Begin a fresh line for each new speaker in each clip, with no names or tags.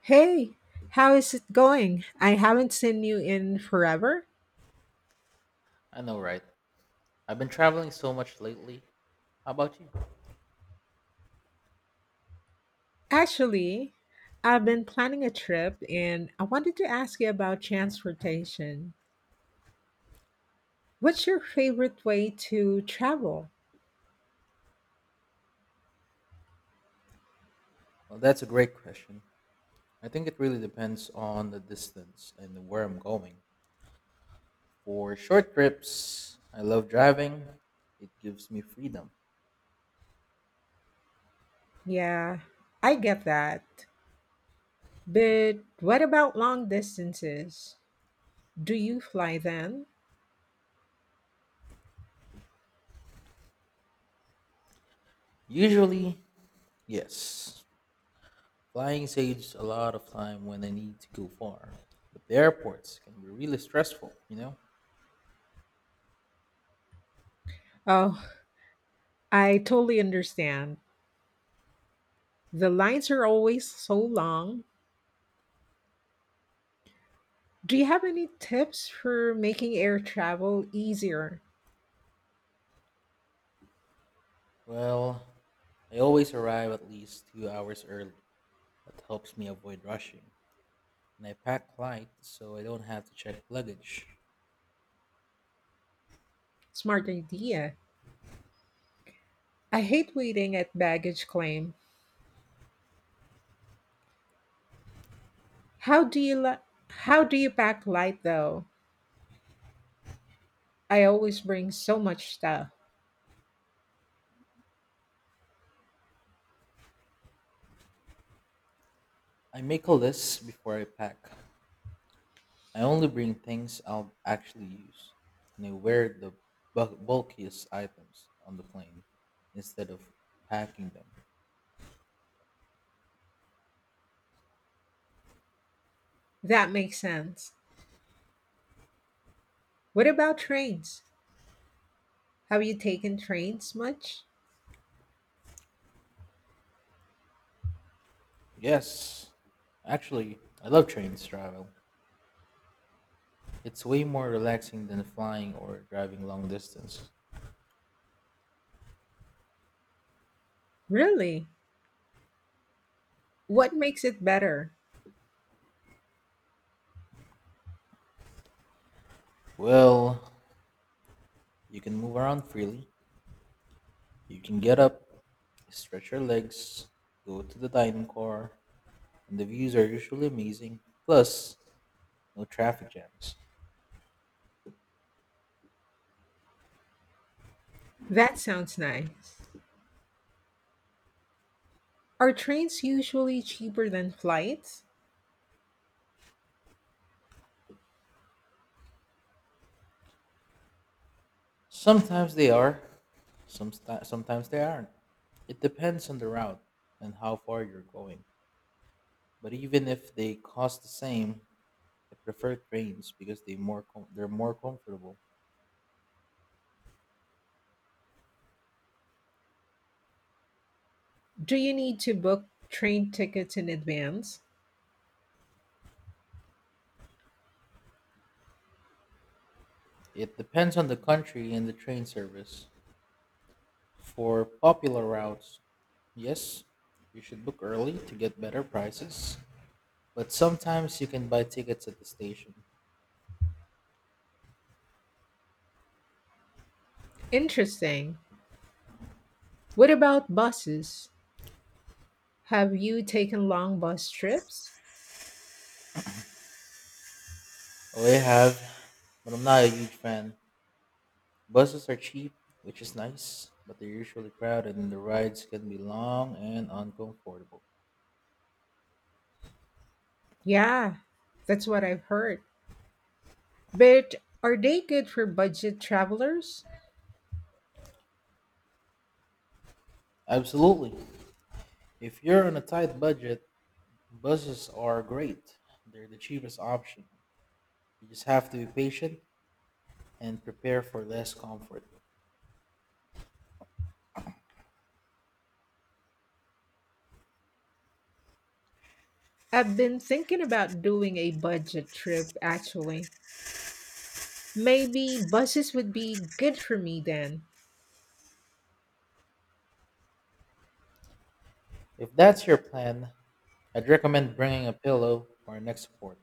Hey, how is it going? I haven't seen you in forever.
I know, right? I've been traveling so much lately. How about you?
Actually, I've been planning a trip and I wanted to ask you about transportation. What's your favorite way to travel?
Well, that's a great question. I think it really depends on the distance and where I'm going. For short trips, I love driving, it gives me freedom.
Yeah, I get that. But what about long distances? Do you fly then?
Usually, yes, flying saves a lot of time when I need to go far. But the airports can be really stressful, you know?
Oh, I totally understand. The lines are always so long. Do you have any tips for making air travel easier?
Well, I always arrive at least 2 hours early. That helps me avoid rushing, and I pack light so I don't have to check luggage.
Smart idea. I hate waiting at baggage claim. How do you li- how do you pack light though? I always bring so much stuff.
I make a list before I pack. I only bring things I'll actually use, and I wear the bulkiest items on the plane instead of packing them.
That makes sense. What about trains? Have you taken trains much?
Yes, actually, I love trains travel. It's way more relaxing than flying or driving long distance.
Really? What makes it better?
Well, you can move around freely. You can get up, stretch your legs, go to the dining car, and the views are usually amazing. Plus, no traffic jams.
That sounds nice. Are trains usually cheaper than flights?
Sometimes they are, some sometimes they aren't. It depends on the route and how far you're going. But even if they cost the same, I prefer trains because they're more comfortable.
Do you need to book train tickets in advance?
It depends on the country and the train service. For popular routes, yes, you should book early to get better prices, but sometimes you can buy tickets at the station.
Interesting. What about buses? Have you taken long bus trips?
Oh, I have, but I'm not a huge fan. Buses are cheap, which is nice, but they're usually crowded and the rides can be long and uncomfortable.
Yeah, that's what I've heard. But are they good for budget travelers?
Absolutely. If you're on a tight budget, buses are great. They're the cheapest option. You just have to be patient and prepare for less comfort.
I've been thinking about doing a budget trip actually. Maybe buses would be good for me then.
If that's your plan, I'd recommend bringing a pillow or a neck support.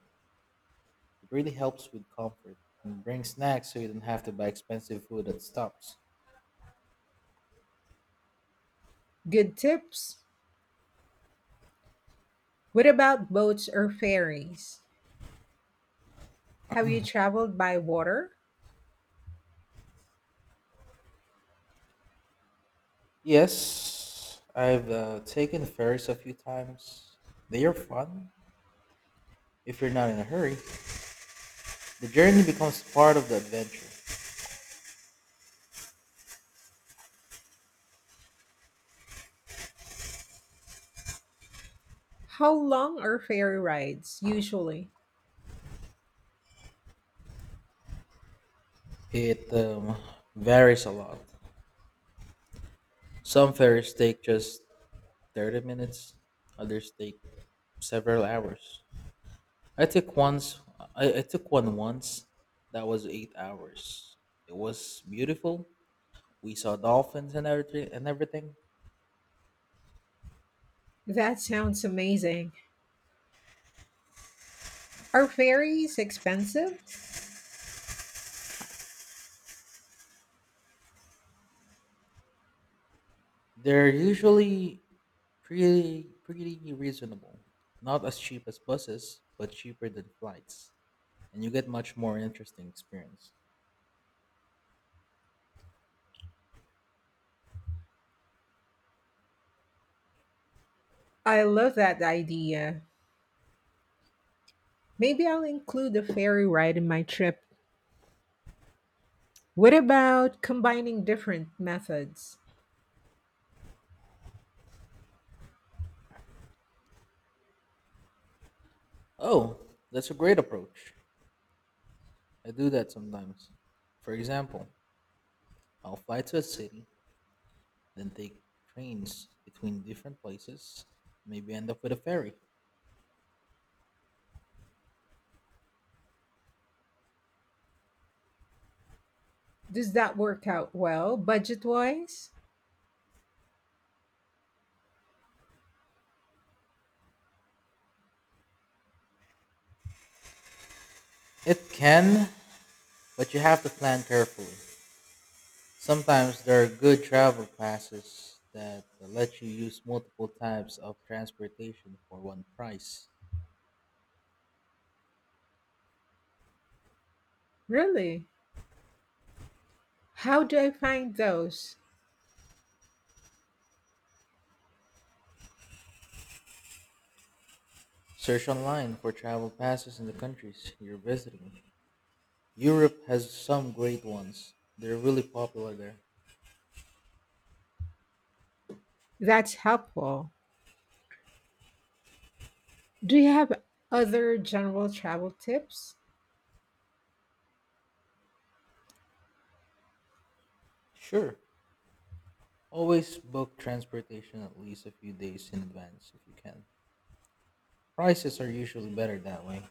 It really helps with comfort. And bring snacks so you don't have to buy expensive food at stops.
Good tips. What about boats or ferries? Have you traveled by water?
Yes, I've taken ferries a few times. They are fun if you're not in a hurry. The journey becomes part of the adventure.
How long are ferry rides usually?
It varies a lot. Some ferries take just 30 minutes, others take several hours. I took once I took one once that was 8 hours. It was beautiful. We saw dolphins and everything.
That sounds amazing. Are ferries expensive?
They're usually pretty reasonable. Not as cheap as buses, but cheaper than flights, and you get much more interesting experience.
I love that idea. Maybe I'll include a ferry ride in my trip. What about combining different methods?
Oh, that's a great approach. I do that sometimes. For example, I'll fly to a city, then take trains between different places, maybe end up with a ferry.
Does that work out well budget wise?
It can, but you have to plan carefully. Sometimes there are good travel classes that let you use multiple types of transportation for one price.
Really? How do I find those?
Search online for travel passes in the countries you're visiting. Europe has some great ones. They're really popular there.
That's helpful. Do you have other general travel tips?
Sure. Always book transportation at least a few days in advance if you can. Prices are usually better that way.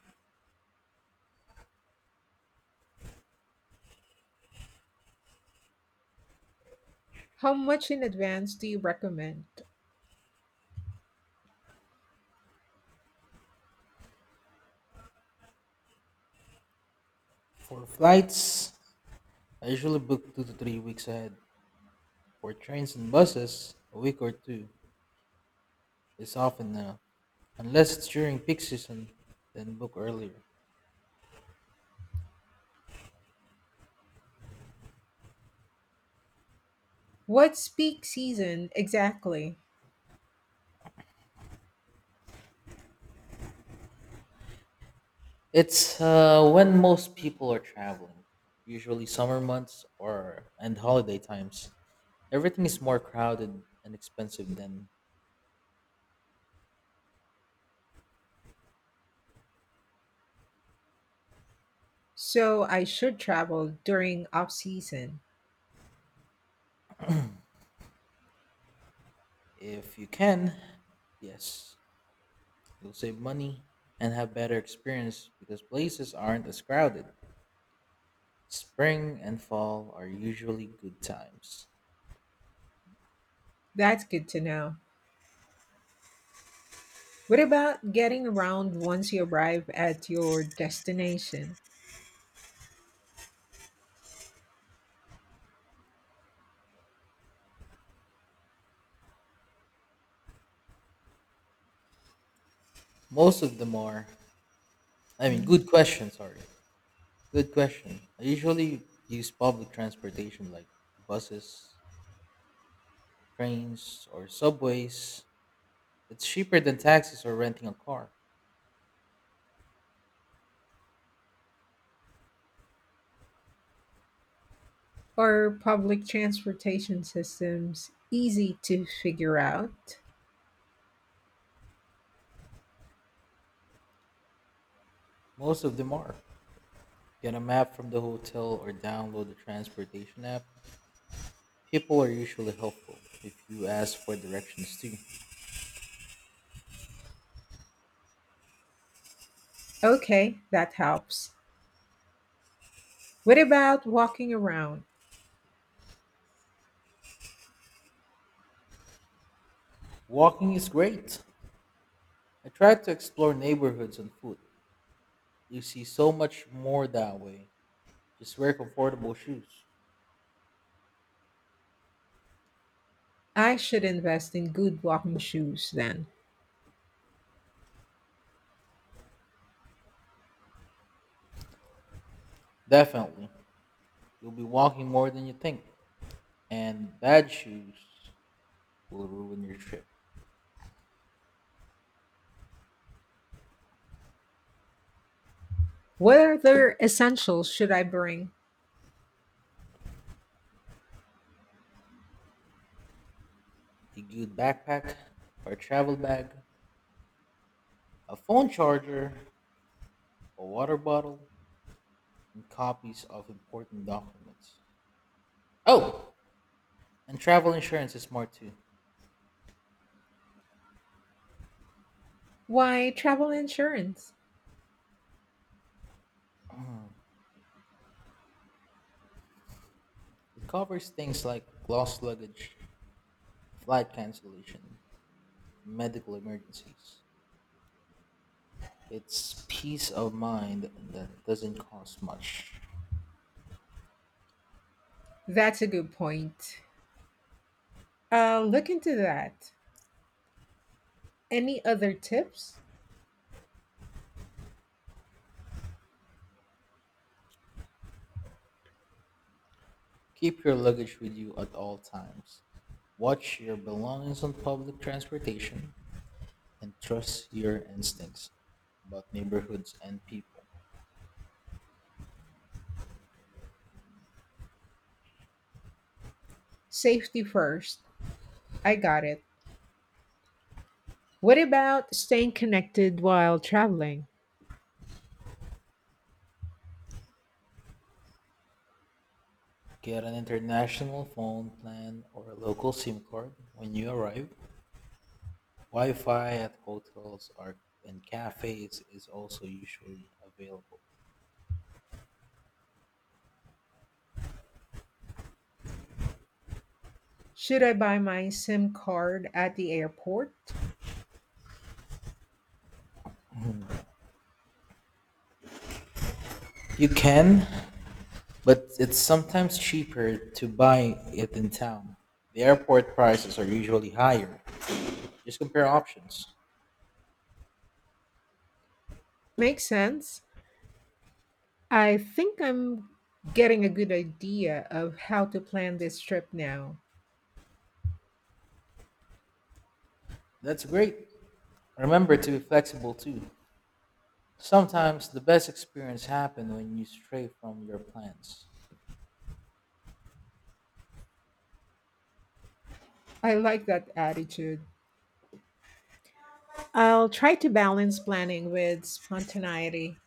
How much in advance do you recommend?
For flights, I usually book 2 to 3 weeks ahead. For trains and buses, a week or two is often enough. Unless it's during peak season, then book earlier.
What's peak season exactly?
It's when most people are traveling, usually summer months or and holiday times. Everything is more crowded and expensive then.
So I should travel during off season.
If you can, yes, you'll save money and have better experience because places aren't as crowded. Spring and fall are usually good times.
That's good to know. What about getting around once you arrive at your destination?
Most of them are. I mean,
Hmm?
good question, sorry. Good question. I usually use public transportation like buses, trains, or subways. It's cheaper than taxis or renting a car.
Are public transportation systems easy to figure out?
Most of them are. Get a map from the hotel or download the transportation app. People are usually helpful if you ask for directions too.
Okay, that helps. What about walking around?
Walking is great. I try to explore neighborhoods on foot. You see so much more that way. Just wear comfortable shoes.
I should invest in good walking shoes then.
Definitely. You'll be walking more than you think. And bad shoes will ruin your trip.
What other essentials should I bring?
A good backpack or travel bag, a phone charger, a water bottle, and copies of important documents. Oh, and travel insurance is smart too.
Why, travel insurance.
It covers things like lost luggage, flight cancellation, medical emergencies. It's peace of mind that doesn't cost much.
That's a good point. Look into that. Any other tips?
Keep your luggage with you at all times. Watch your belongings on public transportation and trust your instincts about neighborhoods and people.
Safety first. I got it. What about staying connected while traveling?
Get an international phone plan or a local SIM card when you arrive. Wi Fi at hotels are, and cafes is also usually available.
Should I buy my SIM card at the airport?
You can, but it's sometimes cheaper to buy it in town. The airport prices are usually higher. Just compare options.
Makes sense. I think I'm getting a good idea of how to plan this trip now.
That's great. Remember to be flexible too. Sometimes the best experience happen when you stray from your plans.
I like that attitude. I'll try to balance planning with spontaneity.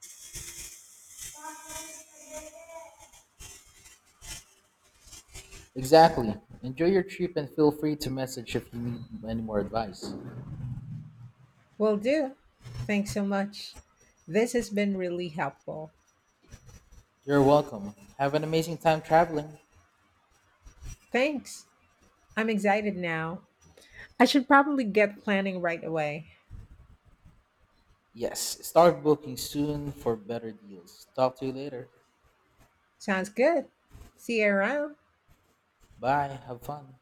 Exactly. Enjoy your trip and feel free to message if you need any more advice.
Will do. Thanks so much. This has been really helpful.
You're welcome. Have an amazing time traveling.
Thanks. I'm excited now. I should probably get planning right away.
Yes, start booking soon for better deals. Talk to you later.
Sounds good. See you around.
Bye. Have fun.